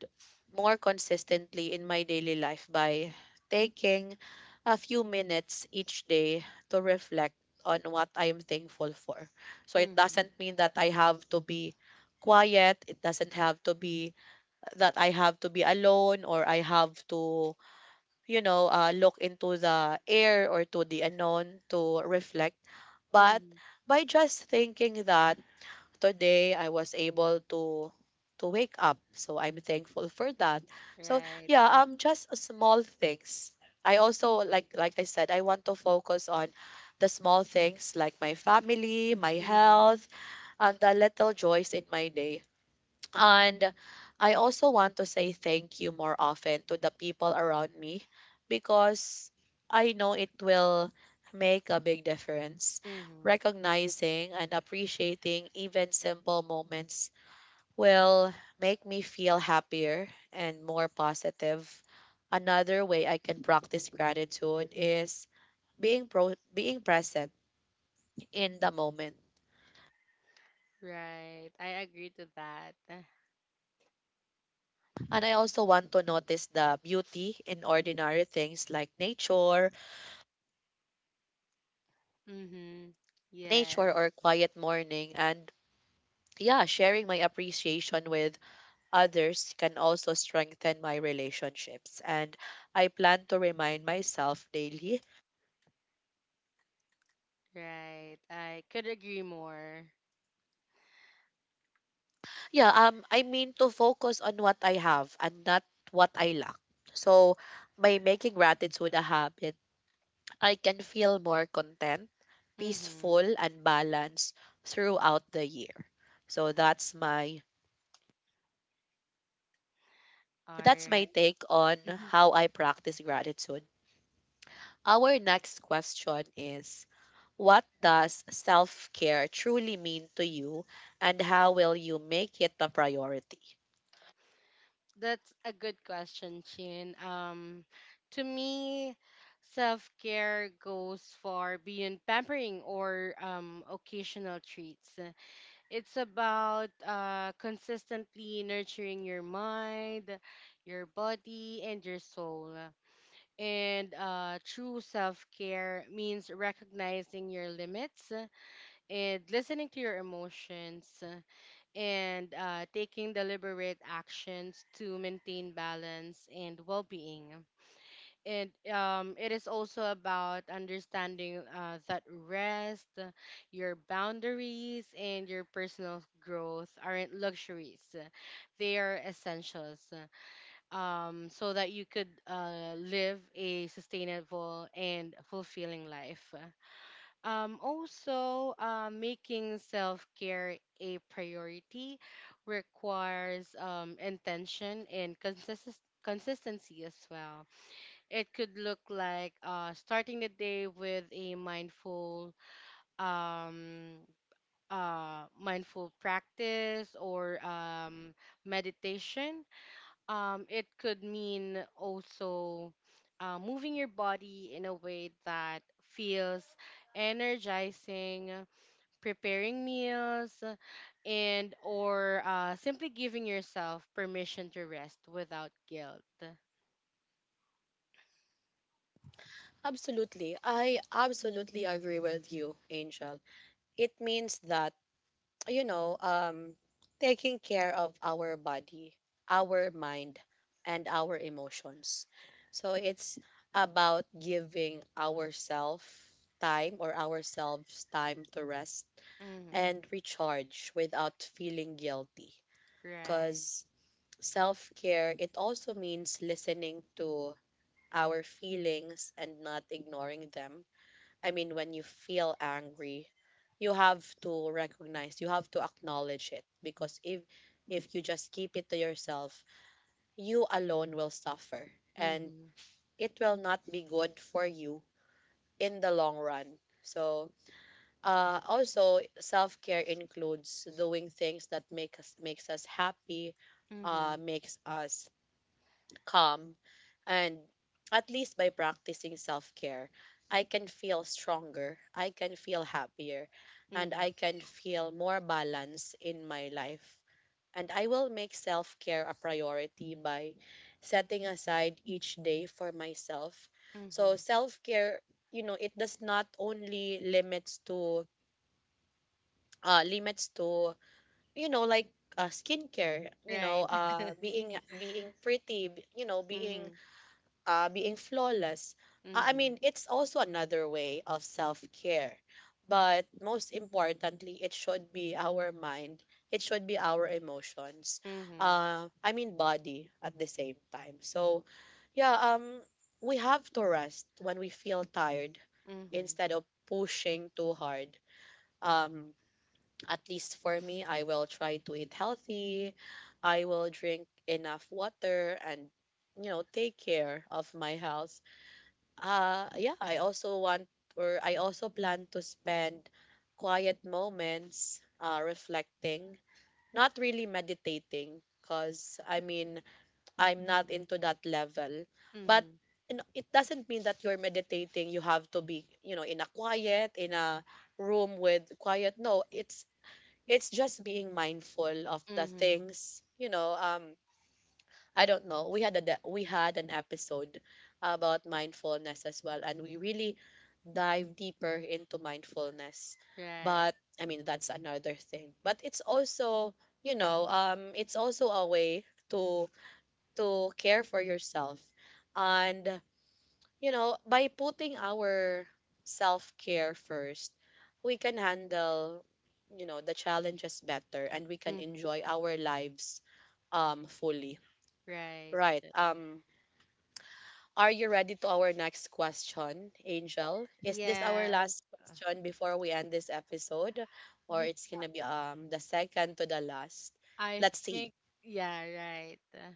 [SPEAKER 1] more consistently in my daily life by taking a few minutes each day to reflect on what I'm thankful for. So it
[SPEAKER 2] Mm-hmm.
[SPEAKER 1] doesn't mean that I have to be quiet. It doesn't have to be that I have to be alone or I have to, you know, uh, look into the air or to the unknown to reflect. But
[SPEAKER 2] Mm-hmm.
[SPEAKER 1] by just thinking that today I was able to to wake up, so I'm thankful for that. So
[SPEAKER 2] Right.
[SPEAKER 1] yeah, um, just small things. I also like like I said, I want to focus on the small things like my family, my
[SPEAKER 2] Mm-hmm.
[SPEAKER 1] health, and the little joys in my day. And I also want to say thank you more often to the people around me because I know it will make a big difference.
[SPEAKER 2] Mm-hmm.
[SPEAKER 1] Recognizing and appreciating even simple moments will make me feel happier and more positive. Another way I can practice gratitude is being pro- being present in the moment.
[SPEAKER 2] Right. I agree to that.
[SPEAKER 1] And I also want to notice the beauty in ordinary things like nature
[SPEAKER 2] Mm-hmm.
[SPEAKER 1] nature
[SPEAKER 2] Yes.
[SPEAKER 1] or quiet morning. And yeah, sharing my appreciation with others can also strengthen my relationships. And I plan to remind myself daily.
[SPEAKER 2] Right. I could agree more.
[SPEAKER 1] Yeah, um, I mean to focus on what I have and not what I lack. So by making gratitude a habit, I can feel more content, peaceful,
[SPEAKER 2] Mm-hmm.
[SPEAKER 1] and balanced throughout the year. So that's my
[SPEAKER 2] All
[SPEAKER 1] that's my
[SPEAKER 2] right.
[SPEAKER 1] take on how I practice gratitude. Our next question is, what does self care truly mean to you, and how will you make it a priority?
[SPEAKER 2] That's a good question, Chin. Um, to me, self care goes far beyond pampering or um, occasional treats. It's about uh, consistently nurturing your mind, your body, and your soul. And uh, True self care means recognizing your limits and listening to your emotions and uh, taking deliberate actions to maintain balance and well being. And um, It is also about understanding uh, that rest, your boundaries, and your personal growth aren't luxuries, they are essentials, um, so that you could uh, live a sustainable and fulfilling life. Um, also, uh, making self care a priority requires um, intention and consistency. Consistency as well. It could look like uh, starting the day with a mindful, um, uh, mindful practice or um, meditation. Um, it could mean also uh, moving your body in a way that feels energizing, preparing meals, and or uh, simply giving yourself permission to rest without guilt.
[SPEAKER 1] Absolutely. I absolutely agree with you, Angel. It means that, you know, um, taking care of our body, our mind, and our emotions. So it's about giving ourselves time or ourselves time to rest
[SPEAKER 2] Mm-hmm.
[SPEAKER 1] and recharge without feeling guilty.
[SPEAKER 2] Right.
[SPEAKER 1] Because self care, it also means listening to our feelings and not ignoring them. I mean, when you feel angry, you have to recognize, you have to acknowledge it. Because if if you just keep it to yourself, you alone will suffer, and
[SPEAKER 2] Mm-hmm.
[SPEAKER 1] it will not be good for you in the long run. So Uh, also, self care includes doing things that make us makes us happy, uh,
[SPEAKER 2] Mm-hmm.
[SPEAKER 1] makes us calm, and at least by practicing self care, I can feel stronger, I can feel happier, and
[SPEAKER 2] Mm-hmm.
[SPEAKER 1] I can feel more balance in my life. And I will make self care a priority by setting aside each day for myself. So
[SPEAKER 2] Mm-hmm.
[SPEAKER 1] self care, you know, it does not only limits to uh, limits to you know like uh, skincare, you know
[SPEAKER 2] Right.
[SPEAKER 1] uh, being being pretty, b- you know being
[SPEAKER 2] Mm-hmm.
[SPEAKER 1] uh, being flawless. Uh, I
[SPEAKER 2] Mm-hmm.
[SPEAKER 1] mean it's also another way of self-care, but most importantly it should be our mind, it should be our emotions,
[SPEAKER 2] Mm-hmm.
[SPEAKER 1] uh, I mean body at the same time. So yeah, um we have to rest when we feel tired
[SPEAKER 2] Mm-hmm.
[SPEAKER 1] instead of pushing too hard. um at least for me, I will try to eat healthy. I will drink enough water and, you know, take care of my health. Uh, yeah, I also want or I also plan to spend quiet moments uh, reflecting, not really meditating, because I mean, I'm not into that level. But
[SPEAKER 2] Mm-hmm.
[SPEAKER 1] you know, it doesn't mean that you're meditating, you have to be, you know, in a quiet, in a room with quiet. No, it's it's just being mindful of the
[SPEAKER 2] Mm-hmm.
[SPEAKER 1] things, you know, um I don't know. We had a de- we had an episode about mindfulness as well and we really dive deeper into mindfulness.
[SPEAKER 2] Right.
[SPEAKER 1] But I mean, that's another thing. But it's also, you know, um it's also a way to to care for yourself, and you know, by putting our self care first, we can handle, you know, the challenges better and we can
[SPEAKER 2] Mm-hmm.
[SPEAKER 1] enjoy our lives um fully.
[SPEAKER 2] Right.
[SPEAKER 1] Right.
[SPEAKER 2] Uh,
[SPEAKER 1] Um are you ready to our next question, Angel? Is this our
[SPEAKER 2] yes.
[SPEAKER 1] last
[SPEAKER 2] Uh,
[SPEAKER 1] question before we end this episode, or
[SPEAKER 2] yeah.
[SPEAKER 1] it's going to be um the second to the last?
[SPEAKER 2] I
[SPEAKER 1] Let's see.
[SPEAKER 2] think. Yeah. Right. Uh,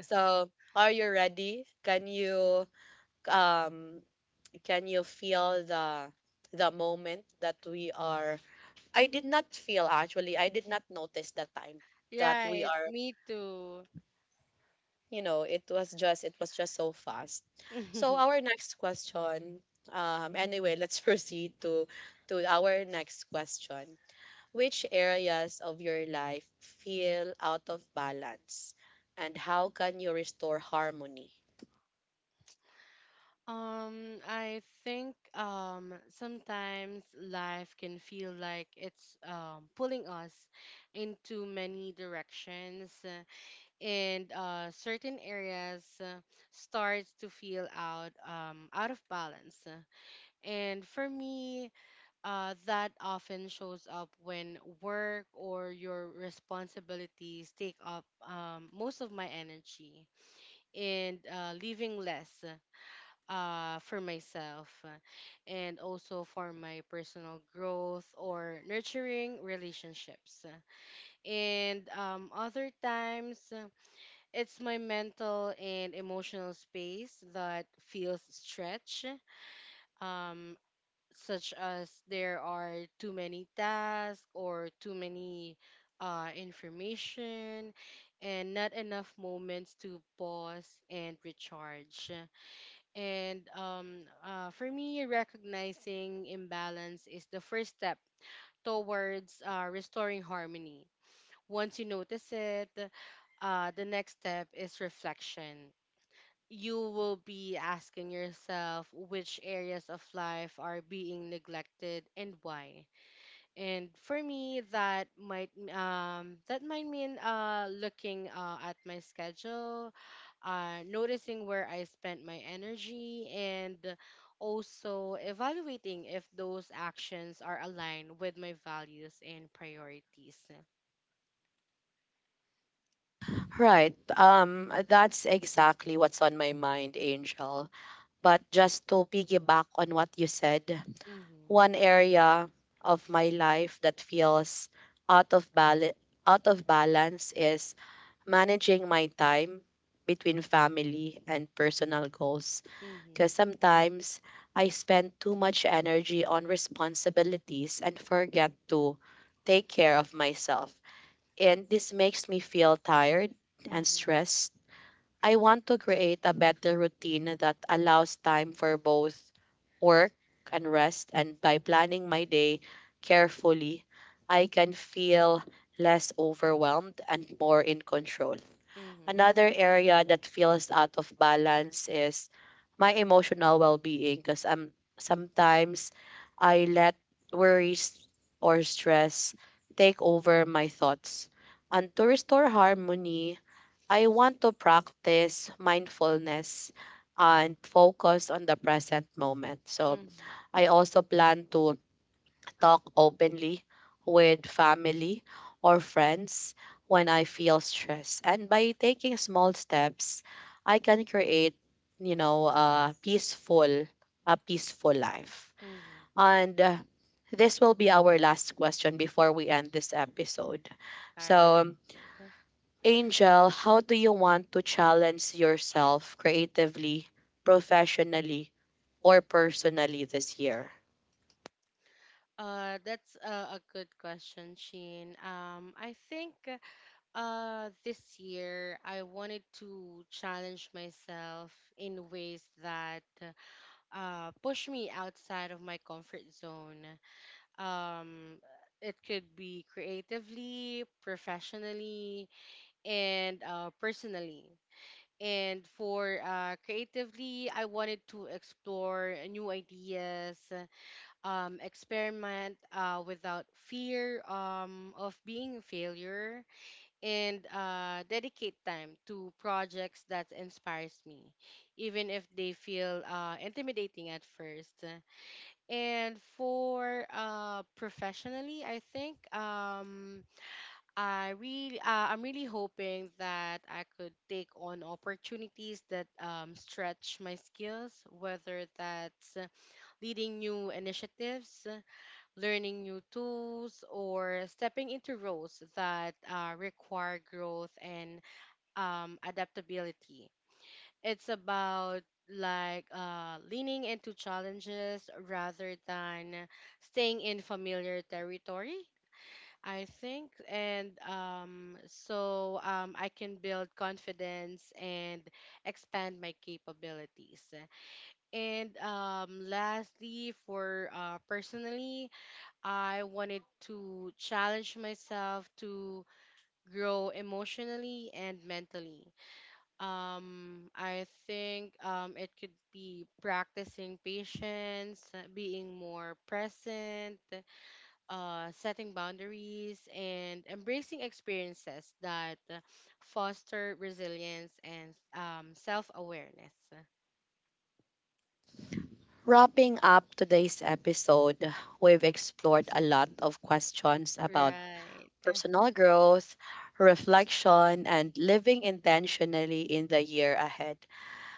[SPEAKER 1] So, are you ready? Can you um can you feel the the moment that we are I did not feel actually. I did not notice that time that we
[SPEAKER 2] right.
[SPEAKER 1] are,
[SPEAKER 2] Me too.
[SPEAKER 1] you know, it was just it was just so fast. So our next question um anyway, let's proceed to to our next question. Which areas of your life feel out of balance and how can you restore harmony?
[SPEAKER 2] Um, I think um sometimes life can feel like it's um pulling us into many directions, uh, and uh certain areas uh, starts to feel out um out of balance. Uh, And for me, uh that often shows up when work or your responsibilities take up um most of my energy and uh leaving less uh, for myself, uh, and also for my personal growth or nurturing relationships. And um, Other times, uh, it's my mental and emotional space that feels stretched, um, such as there are too many tasks or too many uh, information and not enough moments to pause and recharge. And um, uh, For me, recognizing imbalance is the first step towards uh, restoring harmony. Once you notice it, uh, the next step is reflection. You will be asking yourself which areas of life are being neglected and why, and for me that might um that might mean uh looking uh at my schedule, uh noticing where I spent my energy and also evaluating if those actions are aligned with my values and priorities.
[SPEAKER 1] Right. Um that's exactly what's on my mind, Angel. But just to piggyback on what you said,
[SPEAKER 2] Mhm.
[SPEAKER 1] one area of my life that feels out of bal- out of balance is managing my time between family and personal goals because
[SPEAKER 2] Mhm.
[SPEAKER 1] sometimes I spend too much energy on responsibilities and forget to take care of myself. And this makes me feel tired and
[SPEAKER 2] Mhm.
[SPEAKER 1] stressed. I want to create a better routine that allows time for both work and rest. And by planning my day carefully, I can feel less overwhelmed and more in control.
[SPEAKER 2] Mhm.
[SPEAKER 1] Another area that feels out of balance is my emotional well being because I'm sometimes I let worries or stress take over my thoughts. And to restore harmony, I want to practice mindfulness and focus on the present moment. So
[SPEAKER 2] Mhm.
[SPEAKER 1] I also plan to talk openly with family or friends when I feel stress. And by taking small steps, I can create, you know, a peaceful, a peaceful life.
[SPEAKER 2] Mhm.
[SPEAKER 1] And uh, this will be our last question before we end this episode.
[SPEAKER 2] All right.
[SPEAKER 1] So Angel, how do you want to challenge yourself creatively, professionally, or personally this year?
[SPEAKER 2] Uh that's a, a good question, Sheen. Um, I think Uh, this year, I wanted to challenge myself in ways that uh, push me outside of my comfort zone. Um, it could be creatively, professionally, and uh, personally. And for uh, creatively, I wanted to explore new ideas, um, experiment uh, without fear um, of being a failure and uh, dedicate time to projects that inspires me, even if they feel uh, intimidating at first. And for uh, professionally, I think um, I really, uh, I'm really hoping that I could take on opportunities that um, stretch my skills, whether that's leading new initiatives, learning new tools, or stepping into roles that uh, require growth and um, adaptability. It's about like uh, leaning into challenges rather than staying in familiar territory, I think, and um, so um, I can build confidence and expand my capabilities. And um, Lastly, for uh, personally, I wanted to challenge myself to grow emotionally and mentally. Um, I think um, It could be practicing patience, uh, being more present, uh, setting boundaries, and embracing experiences that uh, foster resilience and um, self awareness.
[SPEAKER 1] Wrapping up today's episode, we've explored a lot of questions about
[SPEAKER 2] Right.
[SPEAKER 1] personal growth, reflection, and living intentionally in the year ahead.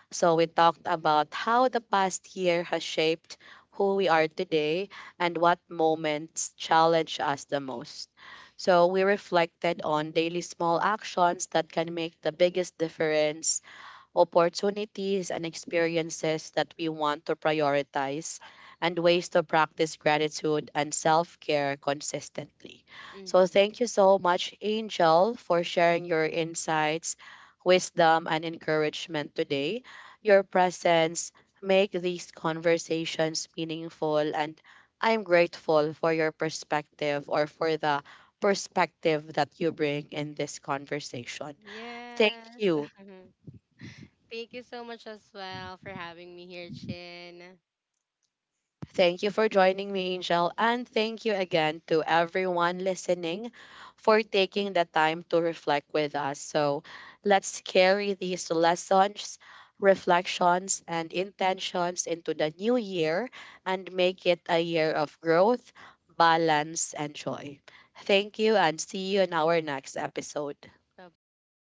[SPEAKER 1] So we talked about how the past year has shaped who we are today and what moments challenge us the most. So we reflected on daily small actions that can make the biggest difference, opportunities and experiences that we want to prioritize, and ways to practice gratitude and self care consistently. So,
[SPEAKER 2] Mm-hmm.
[SPEAKER 1] thank you so much, Angel, for sharing your insights, wisdom, and encouragement today. Your presence make these conversations meaningful, and I'm grateful for your perspective or for the perspective that you bring in this conversation. Thank
[SPEAKER 2] Yes.
[SPEAKER 1] you.
[SPEAKER 2] Thank you so much as well for having me here, Chin.
[SPEAKER 1] Thank you for joining me, Angel. And thank you again to everyone listening for taking the time to reflect with us. So let's carry these lessons, reflections, and intentions into the new year and make it a year of growth, balance, and joy. Thank you, and see you in our next episode.
[SPEAKER 2] Bye bye.